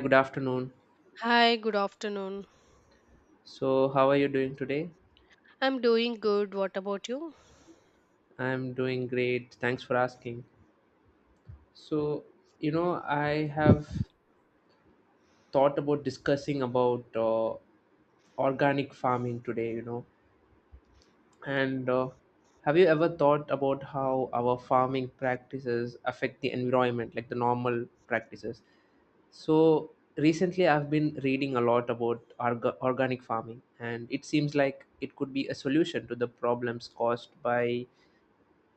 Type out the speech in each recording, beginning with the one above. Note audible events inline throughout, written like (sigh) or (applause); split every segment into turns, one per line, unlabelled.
Good afternoon.
Hi, good afternoon.
So, how are you doing today?
I'm doing good. What about you?
I'm doing great. Thanks for asking. So, I have thought about discussing about organic farming today. And Have you ever thought about how our farming practices affect the environment, like the normal practices? So, recently I've been reading a lot about organic farming, and it seems like it could be a solution to the problems caused by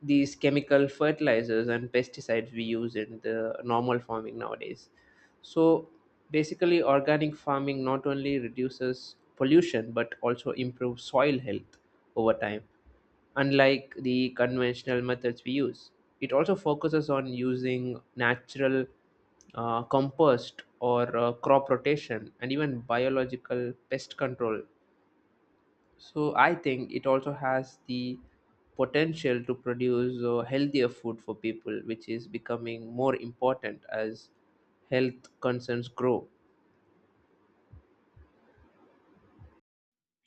these chemical fertilizers and pesticides we use in the normal farming nowadays. So basically, organic farming not only reduces pollution but also improves soil health over time, unlike the conventional methods we use. It also focuses on using natural compost or crop rotation and even biological pest control, so I think it also has the potential to produce healthier food for people, which is becoming more important as health concerns grow.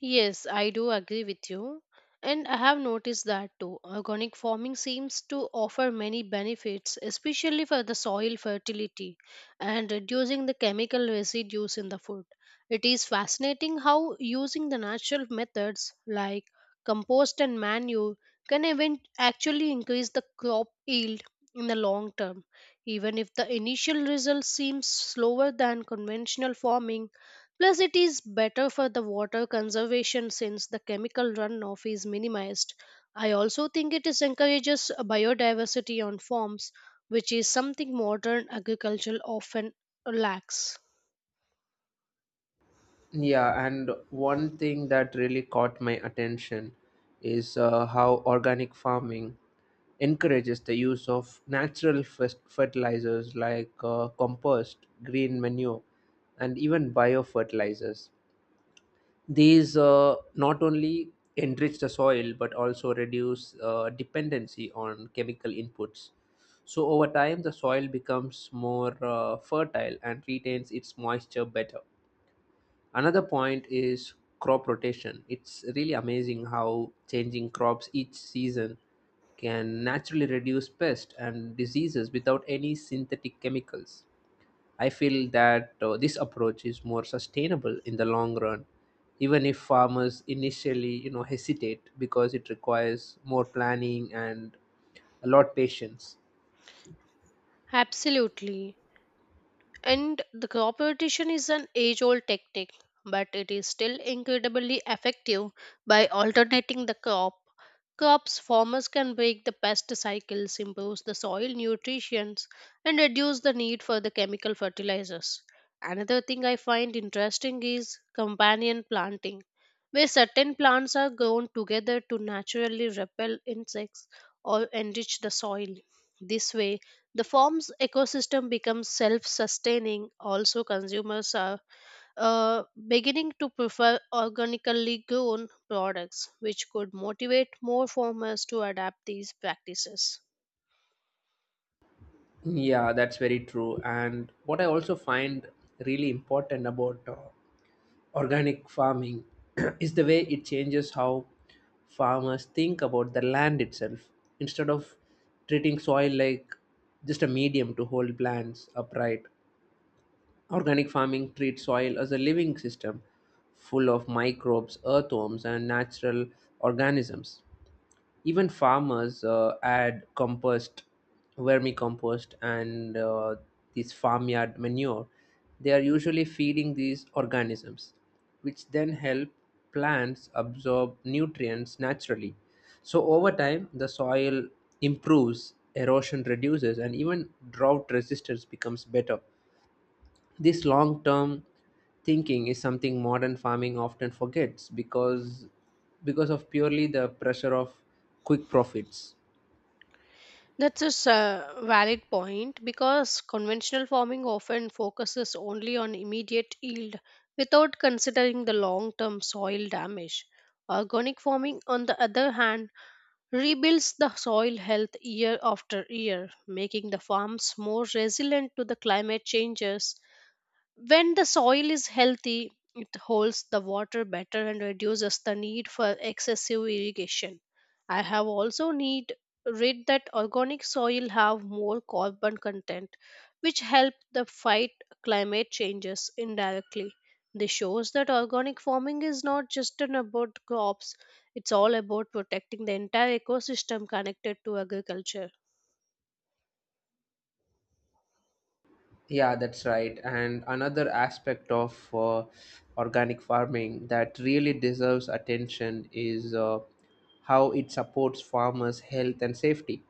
Yes, I do agree with you. And I have noticed that too. Organic farming seems to offer many benefits, especially for the soil fertility and reducing the chemical residues in the food. It is fascinating how using the natural methods like compost and manure can even actually increase the crop yield in the long term. Even if the initial results seem slower than conventional farming, plus, it is better for the water conservation since the chemical runoff is minimized. I also think it is encourages a biodiversity on farms, which is something modern agriculture often lacks.
Yeah, and one thing that really caught my attention is how organic farming encourages the use of natural fertilizers like compost, green manure, and even biofertilizers. These not only enrich the soil but also reduce dependency on chemical inputs. So, over time, the soil becomes more fertile and retains its moisture better. Another point is crop rotation. It's really amazing how changing crops each season can naturally reduce pests and diseases without any synthetic chemicals. I feel that this approach is more sustainable in the long run, even if farmers initially hesitate because it requires more planning and a lot patience.
Absolutely. And the competition is an age old tactic, but it is still incredibly effective by alternating the crop. Crops farmers can break the pest cycles, improve the soil nutrition, and reduce the need for the chemical fertilizers. Another thing I find interesting is companion planting, where certain plants are grown together to naturally repel insects or enrich the soil. This way, the farm's ecosystem becomes self sustaining. Also, consumers are uh, beginning to prefer organically grown products, which could motivate more farmers to adapt these practices.
Yeah, that's very true. And what I also find really important about organic farming (clears throat) is the way it changes how farmers think about the land itself. Instead of treating soil like just a medium to hold plants upright, organic farming treats soil as a living system full of microbes, earthworms, and natural organisms. Even farmers add compost, vermicompost, and this farmyard manure. They are usually feeding these organisms, which then help plants absorb nutrients naturally. So, over time, the soil improves, erosion reduces, and even drought resistance becomes better. This long term thinking is something modern farming often forgets because of purely the pressure of quick profits.
That's a valid point because conventional farming often focuses only on immediate yield without considering the long term soil damage. Organic farming, on the other hand, rebuilds the soil health year after year, making the farms more resilient to the climate changes. When the soil is healthy, it holds the water better and reduces the need for excessive irrigation. I have also need read that organic soil have more carbon content, which help the fight climate changes indirectly. This shows that organic farming is not just an about crops, it's all about protecting the entire ecosystem connected to agriculture.
Yeah, that's right. And another aspect of organic farming that really deserves attention is how it supports farmers' health and safety.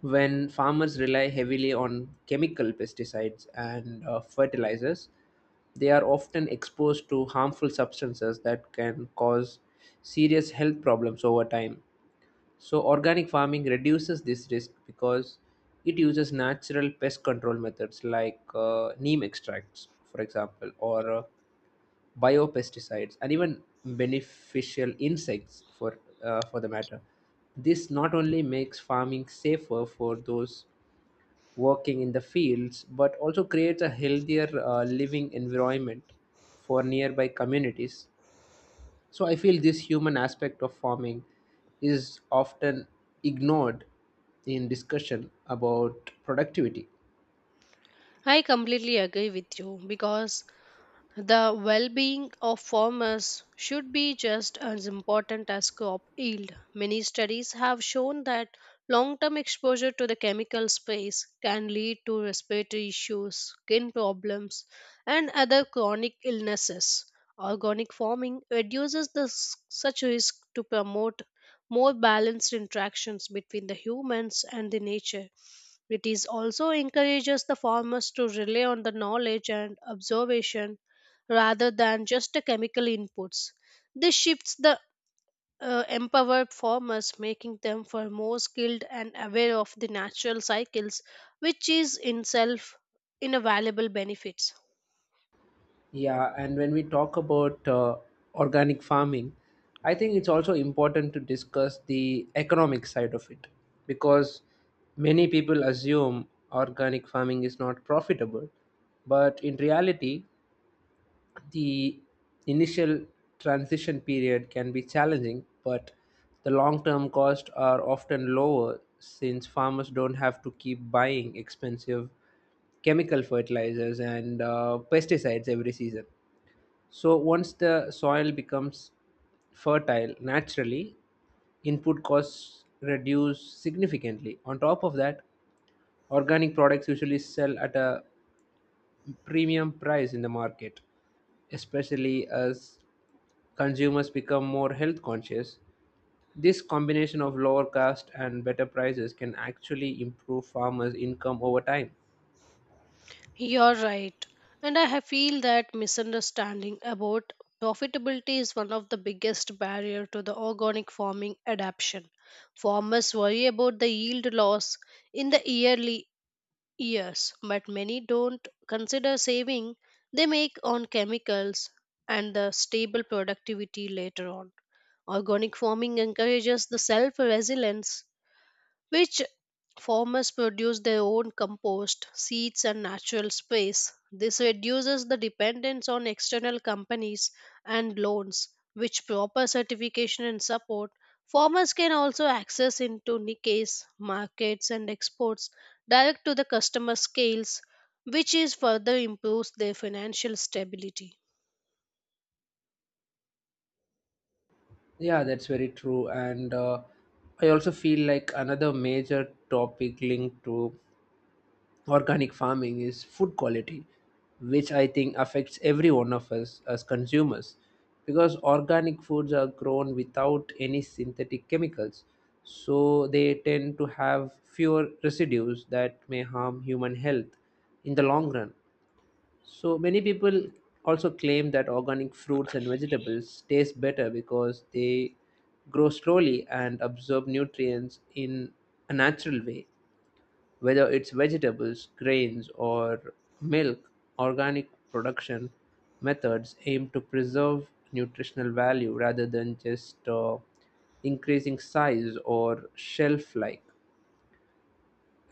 When farmers rely heavily on chemical pesticides and fertilizers, they are often exposed to harmful substances that can cause serious health problems over time. So, organic farming reduces this risk because it uses natural pest control methods like neem extracts, for example, or biopesticides, and even beneficial insects for the matter. This not only makes farming safer for those working in the fields, but also creates a healthier living environment for nearby communities. So I feel this human aspect of farming is often ignored in discussion about productivity.
I completely agree with you because the well being of farmers should be just as important as crop yield. Many studies have shown that long term exposure to the chemical space can lead to respiratory issues, skin problems, and other chronic illnesses. Organic farming reduces this, such risk to promote more balanced interactions between the humans and the nature. It is also encourages the farmers to rely on the knowledge and observation rather than just the chemical inputs. This shifts the empowered farmers, making them for more skilled and aware of the natural cycles, which is in self in a valuable benefits.
Yeah, and when we talk about organic farming, I think it's also important to discuss the economic side of it because many people assume organic farming is not profitable, but in reality, the initial transition period can be challenging, but the long term costs are often lower since farmers don't have to keep buying expensive chemical fertilizers and pesticides every season. So, once the soil becomes fertile naturally, input costs reduce significantly. On top of that, organic products usually sell at a premium price in the market, especially as consumers become more health conscious. This combination of lower cost and better prices can actually improve farmers' income over time.
You're right. And I feel that misunderstanding about profitability is one of the biggest barrier to the organic farming adaptation. Farmers worry about the yield loss in the yearly years, but many don't consider saving they make on chemicals and the stable productivity later on. Organic farming encourages the self resilience, which farmers produce their own compost, seeds, and natural space. This reduces the dependence on external companies and loans, which proper certification and support. Farmers can also access into niches, markets, and exports direct to the customer scales, which is further improves their financial stability.
Yeah, that's very true. And I also feel like another major topic linked to organic farming is food quality, which I think affects every one of us as consumers because organic foods are grown without any synthetic chemicals. So they tend to have fewer residues that may harm human health in the long run. So many people also claim that organic fruits and vegetables taste better because they grow slowly and absorb nutrients in a natural way. Whether it's vegetables, grains, or milk, organic production methods aim to preserve nutritional value rather than just increasing size or shelf life.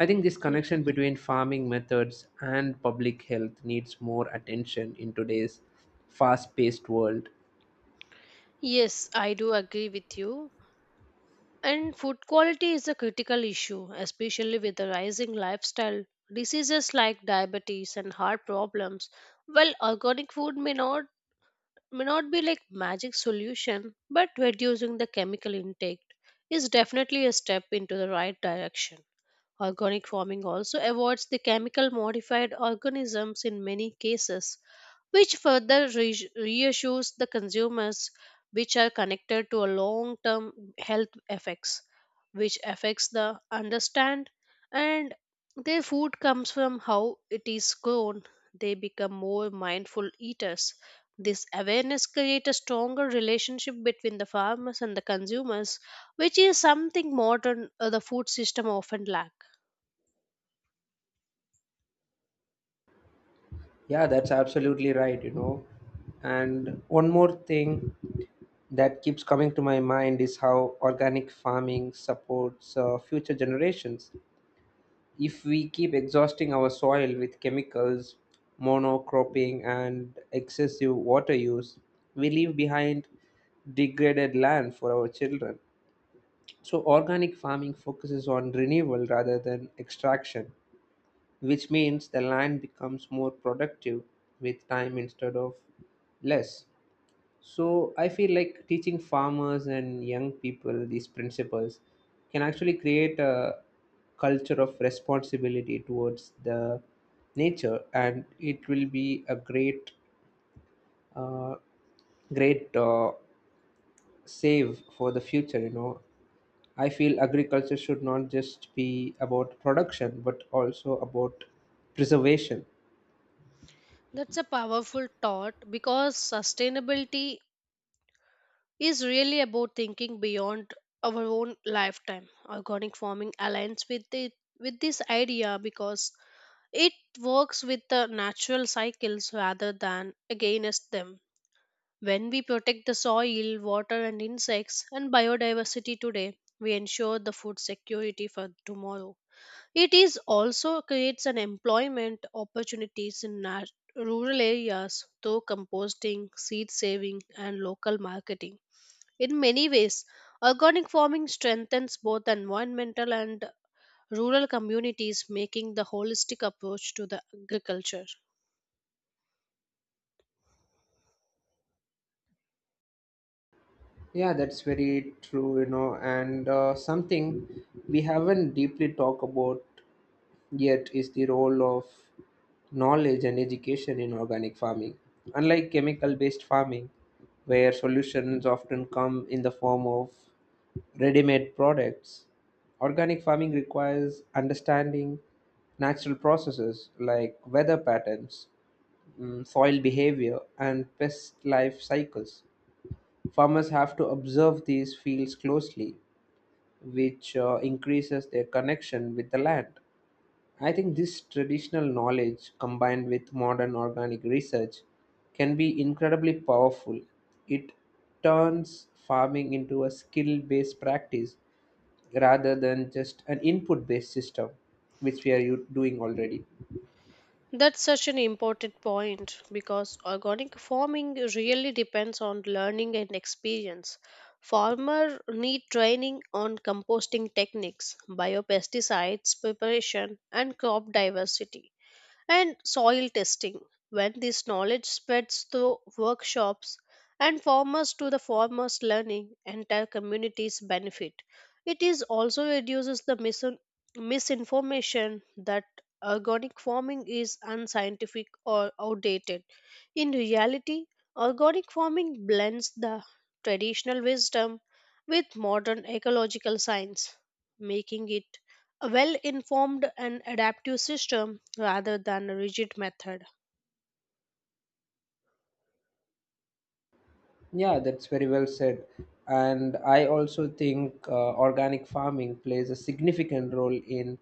I think this
Yes.
connection between farming methods and public health needs more attention in today's fast paced world.
Yes, I do agree with you. And food quality is a critical issue, especially with the rising lifestyle diseases like diabetes and heart problems. Well, organic food may not be like magic solution, but reducing the chemical intake is definitely a step into the right direction. Organic farming also avoids the chemical modified organisms in many cases, which further reassures the consumers, which are connected to a long term health effects, which affects the understand and their food comes from how it is grown. They become more mindful eaters. This awareness creates a stronger relationship between the farmers and the consumers, which is something modern the food system often lack.
Yeah, that's absolutely right. And one more thing that keeps coming to my mind is how organic farming supports future generations. If we keep exhausting our soil with chemicals, monocropping, and excessive water use, we leave behind degraded land for our children. So, organic farming focuses on renewal rather than extraction, which means the land becomes more productive with time instead of less. So I feel like teaching farmers and young people these principles can actually create a culture of responsibility towards the nature, and it will be a great, uh, great save for the future. You know, I feel agriculture should not just be about production, but also about preservation.
That's a powerful thought because sustainability is really about thinking beyond our own lifetime. Organic farming aligns with it with this idea because it works with the natural cycles rather than against them. When we protect the soil, water and insects and biodiversity today, we ensure the food security for tomorrow. It is also creates an employment opportunities in rural areas through composting, seed saving, and local marketing. In many ways, organic farming strengthens both environmental and rural communities, making the holistic approach to the agriculture.
Yeah, that's very true. And something we haven't deeply talked about yet is the role of knowledge and education in organic farming. Unlike chemical based farming, where solutions often come in the form of ready made products, organic farming requires understanding natural processes like weather patterns, soil behavior, and pest life cycles. Farmers have to observe these fields closely, which increases their connection with the land. I think this traditional knowledge combined with modern organic research can be incredibly powerful. It turns farming into a skill based practice rather than just an input based system, which we are doing already.
That's such an important point because organic farming really depends on learning and experience. Farmers need training on composting techniques, biopesticides preparation, and crop diversity and soil testing. When this knowledge spreads through workshops and farmers to the farmers learning, entire communities benefit. It is also reduces the misinformation that organic farming is unscientific or outdated. In reality, organic farming blends the traditional wisdom with modern ecological science, making it a well informed and adaptive system rather than a rigid method.
Yeah, that's very well said. And I also think organic farming plays a significant role in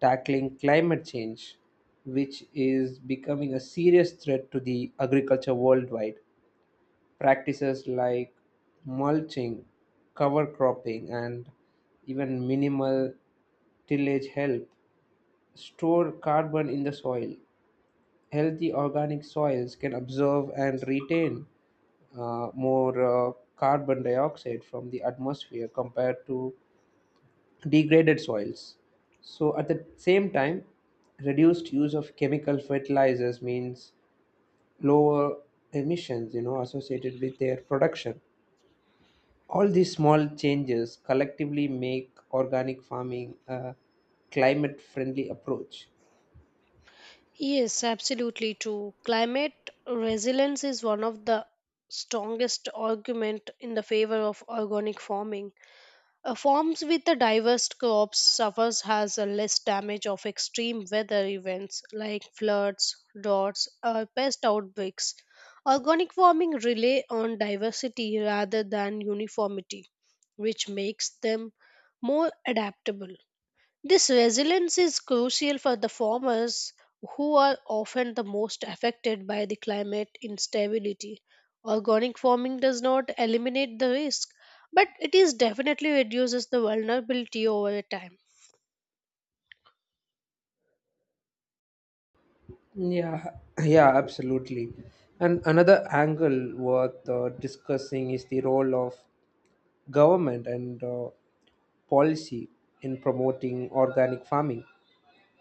tackling climate change, which is becoming a serious threat to the agriculture worldwide. Practices like mulching, cover cropping, and even minimal tillage help store carbon in the soil. Healthy organic soils can absorb and retain more carbon dioxide from the atmosphere compared to degraded soils. So, at the same time, reduced use of chemical fertilizers means lower emissions associated with their production. All these small changes collectively make organic farming a climate friendly approach.
Yes, absolutely true. Climate resilience is one of the strongest argument in the favor of organic farming. Farms with a diverse crops suffers has a less damage of extreme weather events like floods, droughts, or pest outbreaks. Organic farming rely on diversity rather than uniformity, which makes them more adaptable. This resilience is crucial for the farmers who are often the most affected by the climate instability. Organic farming does not eliminate the risk, but it is definitely reduces the vulnerability over a time.
Yeah, yeah, absolutely. And another angle worth discussing is the role of government and policy in promoting organic farming.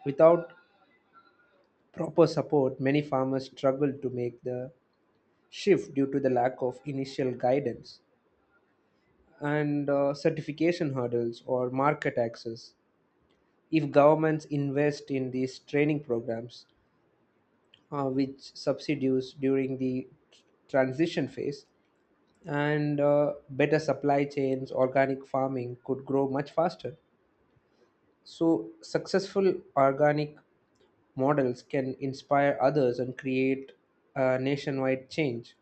Without proper support, many farmers struggle to make the shift due to the lack of initial guidance and certification hurdles or market access. If governments invest in these training programs, which subsidies during the transition phase, and better supply chains, organic farming could grow much faster. So, successful organic models can inspire others and create a nationwide change.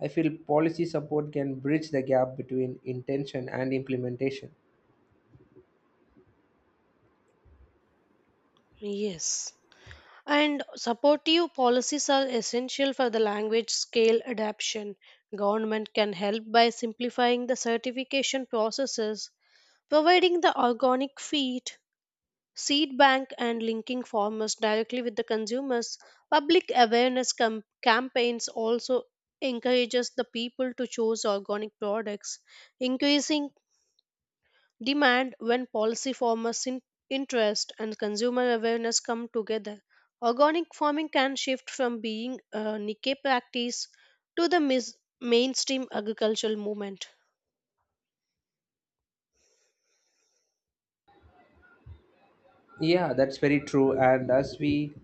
I feel policy support can bridge the gap between intention and implementation.
Yes. And supportive policies are essential for the language scale adaption. Government can help by simplifying the certification processes, providing the organic feed seed bank and linking farmers directly with the consumers. Public awareness campaigns also encourages the people to choose organic products, increasing demand. When policy farmers interest and consumer awareness come together, organic farming can shift from being a niche practice to the mainstream agricultural movement.
Yeah, that's very true. And as we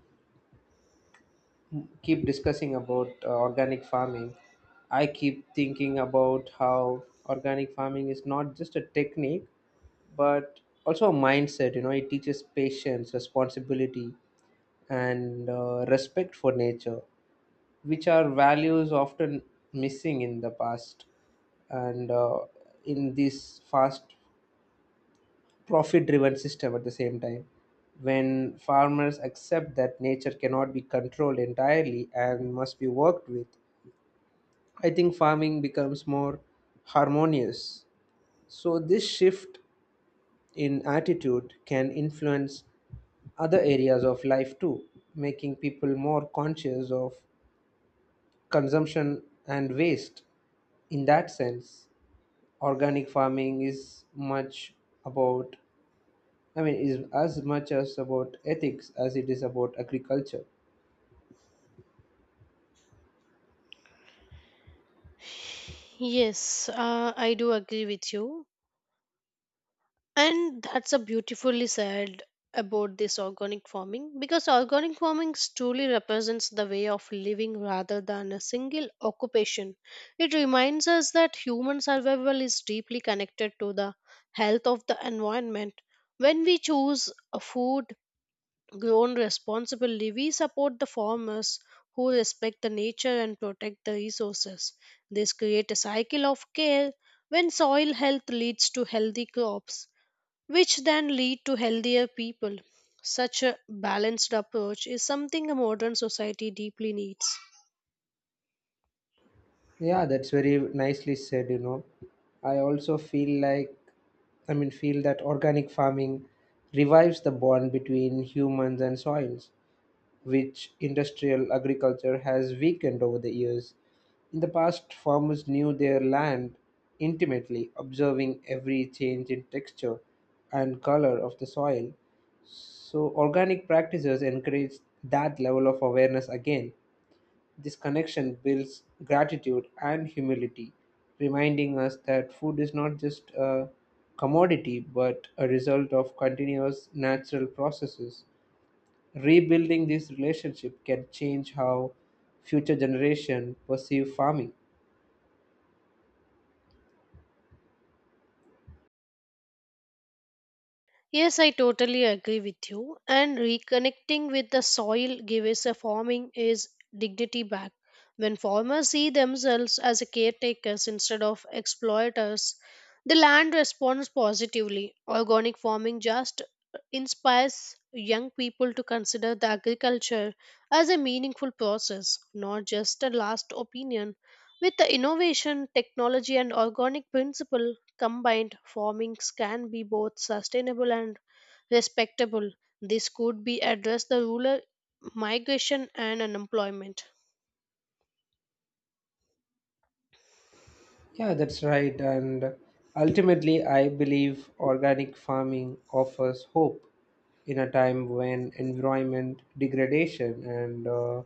keep discussing about organic farming, I keep thinking about how organic farming is not just a technique but also a mindset. You know, it teaches patience, responsibility, and respect for nature, which are values often missing in the past and in this fast profit driven system. At the same time, when farmers accept that nature cannot be controlled entirely and must be worked with, I think farming becomes more harmonious. So this shift in attitude can influence other areas of life too, making people more conscious of consumption and waste. In that sense, organic farming is much about, is as much as about ethics as it is about agriculture.
Yes, I do agree with you. And that's a beautifully said about this organic farming, because organic farming truly represents the way of living rather than a single occupation. It reminds us that human survival is deeply connected to the health of the environment. When we choose a food grown responsibly, we support the farmers who respect the nature and protect the resources. This creates a cycle of care when soil health leads to healthy crops, which then lead to healthier people. Such a balanced approach is something a modern society deeply needs.
Yeah, that's very nicely said, you know. I also feel like, I mean, feel that organic farming revives the bond between humans and soils which industrial agriculture has weakened over the years. In the past, farmers knew their land intimately, observing every change in texture and color of the soil. So, organic practices encourage that level of awareness again. This connection builds gratitude and humility, reminding us that food is not just a commodity but a result of continuous natural processes. Rebuilding this relationship can change how future generation perceive farming.
Yes, I totally agree with you. And reconnecting with the soil gives a farming is dignity back. When farmers see themselves as a caretakers instead of exploiters, the land responds positively. Organic farming just inspires young people to consider the agriculture as a meaningful process, not just a last opinion. With the innovation, technology, and organic principle, combined farmings can be both sustainable and respectable. This could be address the rural migration and unemployment.
Yeah, that's right. And ultimately I believe organic farming offers hope in a time when environment degradation and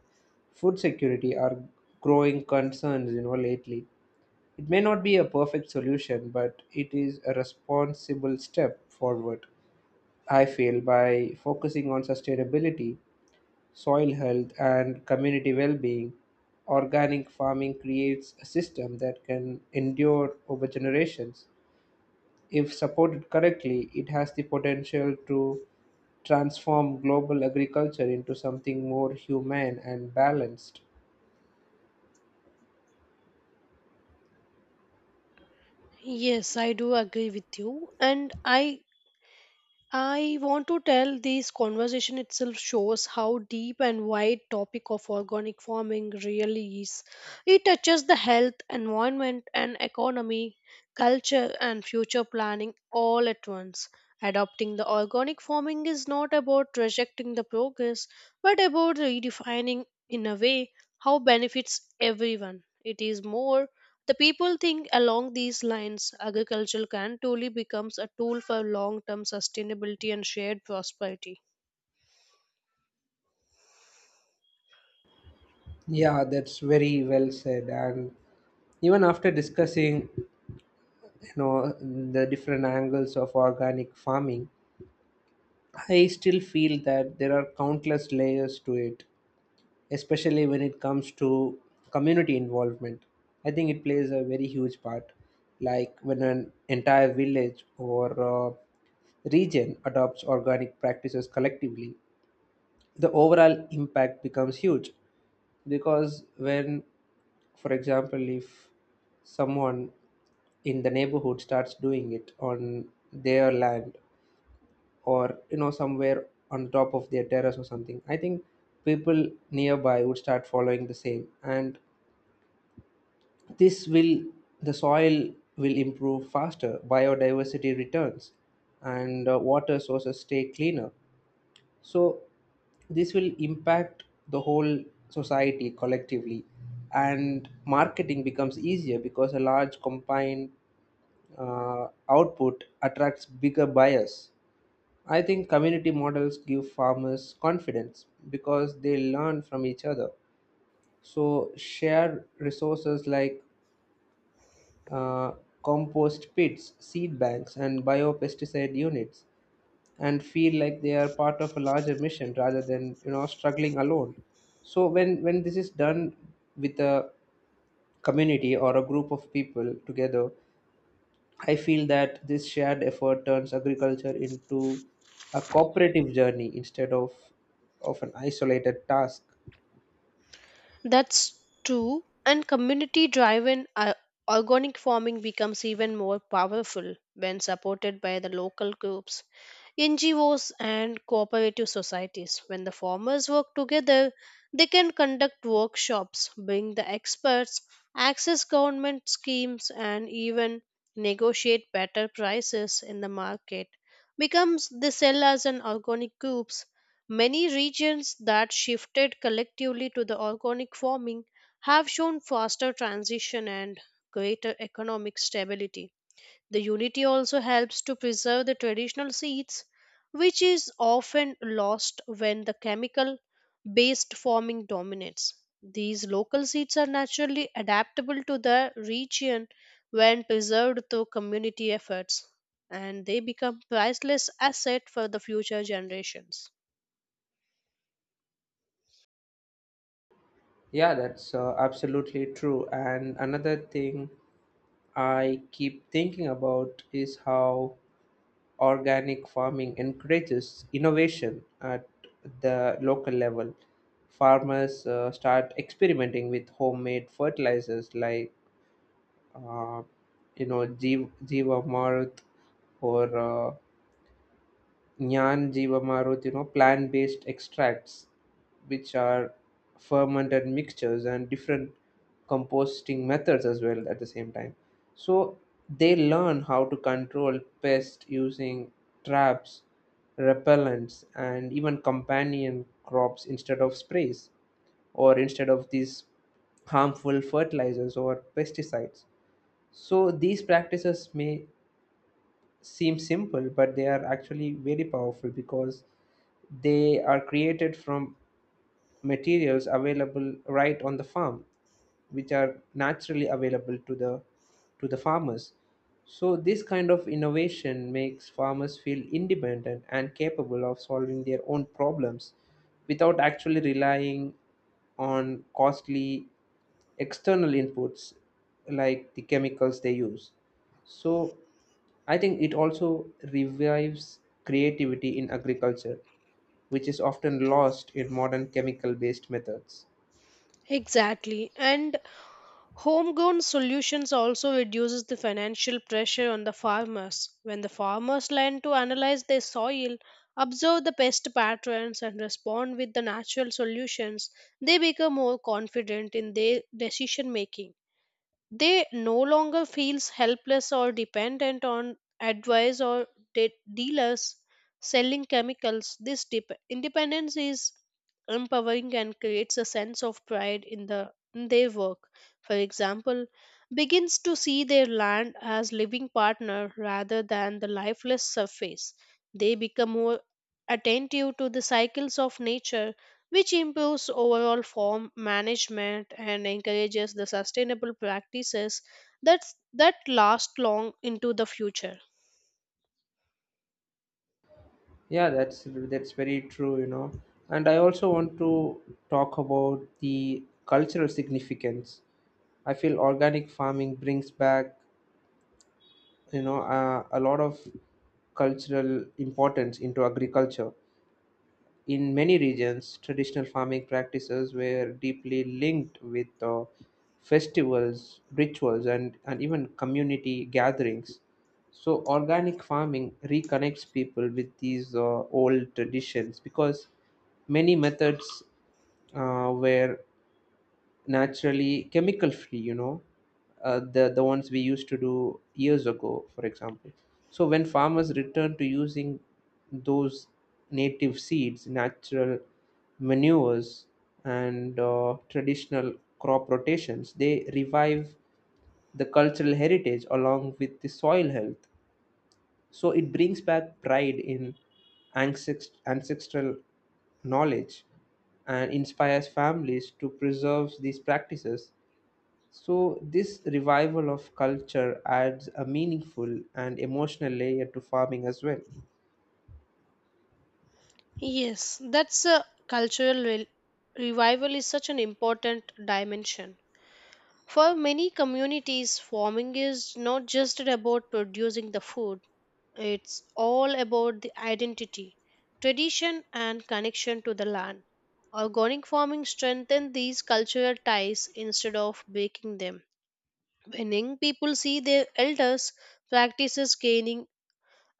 food security are growing concerns, you know, lately. It may not be a perfect solution but it is a responsible step forward. I feel by focusing on sustainability, soil health, and community well being, organic farming creates a system that can endure over generations. If supported correctly, it has the potential to transform global agriculture into something more humane and balanced.
Yes, I do agree with you, and I want to tell this conversation itself shows how deep and wide topic of organic farming really is. It touches the health, environment, and economy, culture and future planning all at once. Adopting the organic farming is not about rejecting the progress, but about redefining in a way how benefits everyone. It is more the people think along these lines agriculture can truly becomes a tool for long term sustainability and shared prosperity.
Yeah, that's very well said. And even after discussing, you know, the different angles of organic farming, I still feel that there are countless layers to it, especially when it comes to community involvement. I think it plays a very huge part. Like when an entire village or uh, region adopts organic practices collectively, the overall impact becomes huge. Because when, for example, if someone in the neighborhood starts doing it on their land or somewhere on top of their terrace or something, I think people nearby would start following the same and this will the soil will improve faster, biodiversity returns, and water sources stay cleaner. So this will impact the whole society collectively, and marketing becomes easier because a large combined output attracts bigger buyers. I think community models give farmers confidence because they learn from each other, so share resources like uh, compost pits, seed banks, and biopesticide units, and feel like they are part of a larger mission rather than struggling alone. So when this is done with a community or a group of people together, I feel that this shared effort turns agriculture into a cooperative journey instead of an isolated task.
That's true, and community driven organic farming becomes even more powerful when supported by the local groups, NGOs, and cooperative societies. When the farmers work together, they can conduct workshops, bring the experts, access government schemes, and even negotiate better prices in the market. Becomes they sell as an organic group. Many regions that shifted collectively to the organic farming have shown faster transition and greater economic stability. The unity also helps to preserve the traditional seeds, which is often lost when the chemical based farming dominates. These local seeds are naturally adaptable to the region when preserved through community efforts, and they become priceless asset for the future generations.
Yeah, that's absolutely true. And another thing I keep thinking about is how organic farming encourages innovation at the local level. Farmers start experimenting with homemade fertilizers like, uh, Jeevamrit or Jnana Jiva Maruti, you know, plant based extracts, which are fermented mixtures, and different composting methods as well at the same time. So they learn how to control pests using traps, repellents, and even companion crops instead of sprays or instead of these harmful fertilizers or pesticides. So these practices may seem simple, but they are actually very powerful because they are created from materials available right on the farm, which are naturally available to the farmers. So this kind of innovation makes farmers feel independent and capable of solving their own problems without actually relying on costly external inputs like the chemicals they use. So I think it also revives creativity in agriculture, which is often lost in modern chemical based methods.
Exactly. And homegrown solutions also reduces the financial pressure on the farmers. When the farmers learn to analyze their soil, observe the pest patterns and respond with the natural solutions, they become more confident in their decision making. They no longer feels helpless or dependent on advice or de- dealers selling chemicals. This independence is empowering and creates a sense of pride in the in their work. For example, begins to see their land as living partner rather than the lifeless surface. They become more attentive to the cycles of nature, which improves overall farm management and encourages the sustainable practices that last long into the future.
Yeah, that's very true, you know. And I also want to talk about the cultural significance. I feel organic farming brings back, a lot of cultural importance into agriculture. In many regions, traditional farming practices were deeply linked with festivals, rituals, and even community gatherings. So, organic farming reconnects people with these old traditions because many methods were naturally chemical free, you know, the ones we used to do years ago, for example. So when farmers return to using those native seeds, natural manures, and traditional crop rotations, they revive the cultural heritage along with the soil health. So it brings back pride in ancestral knowledge and inspires families to preserve these practices. So, this revival of culture adds a meaningful and emotional layer to farming as well.
Yes, that's a cultural revival is such an important dimension. For many communities, farming is not just about producing the food, it's all about the identity, tradition, and connection to the land. Organic farming strengthens these cultural ties instead of breaking them. When young people see their elders' practices gaining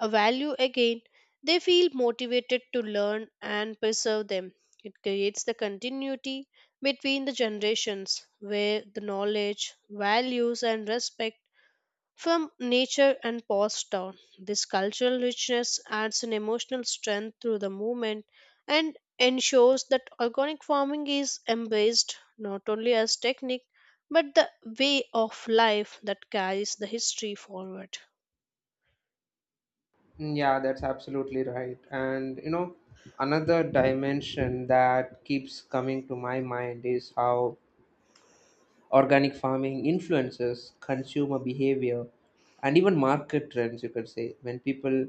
a value again, they feel motivated to learn and preserve them. It creates the continuity between the generations where the knowledge, values, and respect from nature and passed down. This cultural richness adds an emotional strength through the movement and ensures that organic farming is embraced not only as technique but the way of life that carries the history forward.
Yeah, that's absolutely right. And you know, another dimension that keeps coming to my mind is how organic farming influences consumer behavior and even market trends, you could say. When people,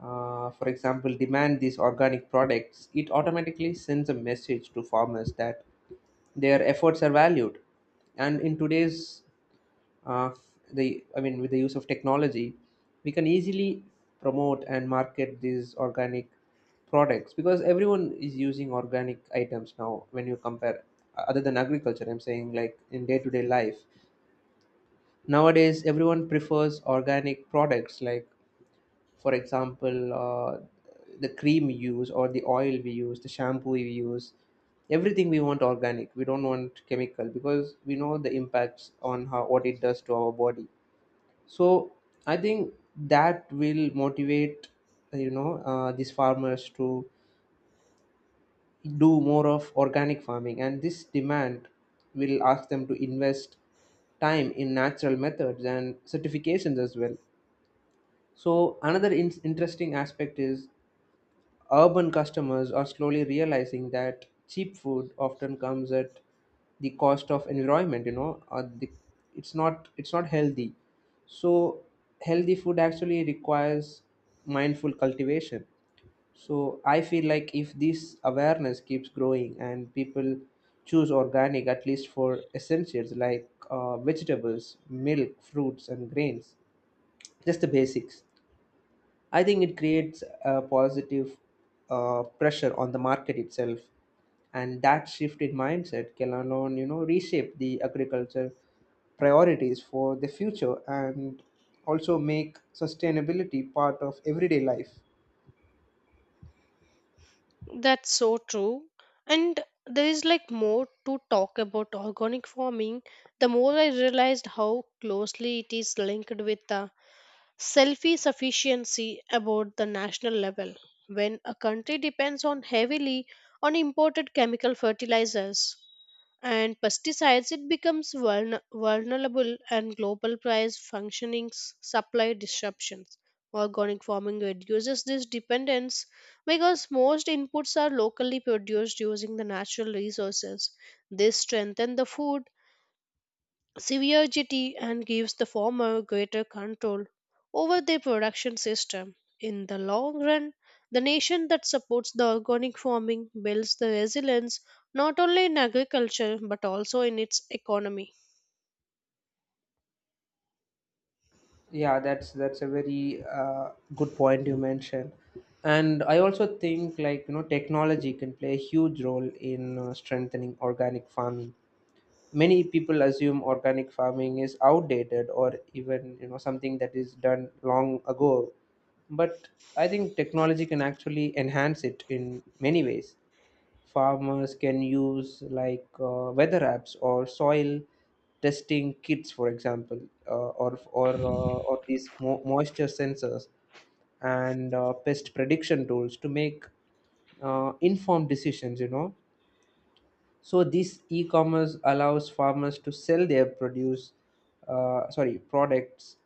for example, demand these organic products, it automatically sends a message to farmers that their efforts are valued. And in today's uh, the I mean, with the use of technology, we can easily promote and market these organic products because everyone is using organic items now. When you compare, other than agriculture, I'm saying like in day-to-day life nowadays, everyone prefers organic products. Like for example, uh, the cream we use, or the oil we use, the shampoo we use. Everything we want organic. We don't want chemical because we know the impacts on how what it does to our body. So I think that will motivate these farmers to do more of organic farming, and this demand will ask them to invest time in natural methods and certifications as well. So another interesting aspect is urban customers are slowly realizing that cheap food often comes at the cost of environment. You know, it's not healthy. So healthy food actually requires mindful cultivation. So I feel like if this awareness keeps growing and people choose organic at least for essentials like vegetables, milk, fruits, and grains, just the basics, I think it creates a positive pressure on the market itself, and that shift in mindset can alone, you know, reshape the agriculture priorities for the future and also make sustainability part of everyday life.
That's so true. And there is like more to talk about organic farming. The more I realized how closely it is linked with the self sufficiency about the national level. When a country depends on heavily on imported chemical fertilizers and pesticides, it becomes vulnerable and global price functioning supply disruptions. Organic farming reduces this dependence because most inputs are locally produced using the natural resources. This strengthens the food severity and gives the farmer greater control over their production system. In the long run, the nation that supports the organic farming builds the resilience not only in agriculture but also in its economy.
Yeah, that's a very good point you mentioned, and I also think, like, you know, technology can play a huge role in strengthening organic farming. Many people assume organic farming is outdated or even, you know, something that is done long ago, but I think technology can actually enhance it in many ways. Farmers can use like weather apps or soil testing kits, for example, or these moisture sensors and pest prediction tools to make informed decisions, you know. So this e-commerce allows farmers to sell their produce, products,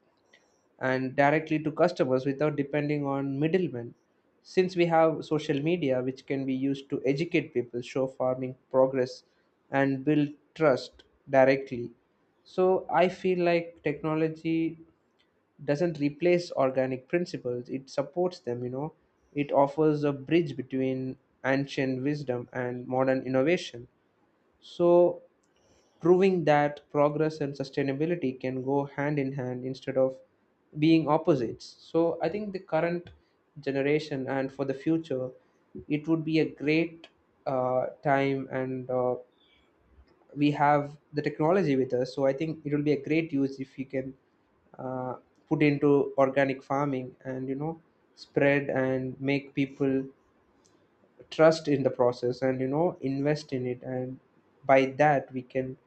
and directly to customers without depending on middlemen. Since we have social media, which can be used to educate people, show farming progress, and build trust directly. So I feel like technology doesn't replace organic principles; it supports them. You know, it offers a bridge between ancient wisdom and modern innovation. So proving that progress and sustainability can go hand in hand instead of being opposites. So I think the current generation and for the future, it would be a great time, and we have the technology with us. So I think it will be a great use if we can uh, put into organic farming and, you know, spread and make people trust in the process, and you know, invest in it, and by that we can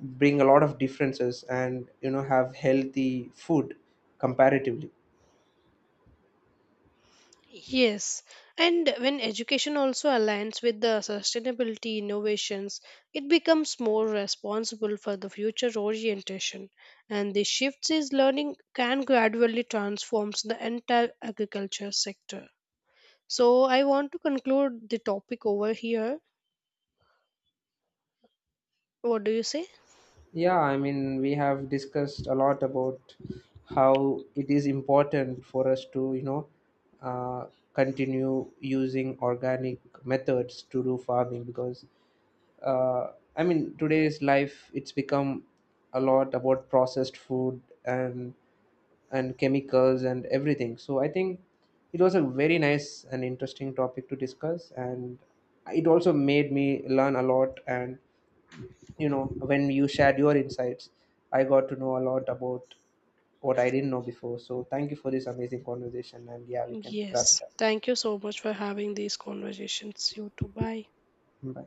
bring a lot of differences and, you know, have healthy food comparatively.
Yes, and when education also aligns with the sustainability innovations, it becomes more responsible for the future orientation, and the shifts is learning can gradually transforms the entire agriculture sector. So I want to conclude the topic over here. What do you say?
Yeah, I mean, we have discussed a lot about how it is important for us to, you know, uh, continue using organic methods to do farming because, uh, I mean, today's life, it's become a lot about processed food and chemicals and everything. So I think it was a very nice and interesting topic to discuss, and it also made me learn a lot. And you know, when you shared your insights, I got to know a lot about what I didn't know before. So thank you for this amazing conversation, and yeah, we can wrap it
Yes.
up.
Thank you so much for having these conversations. You too. Bye.
Bye.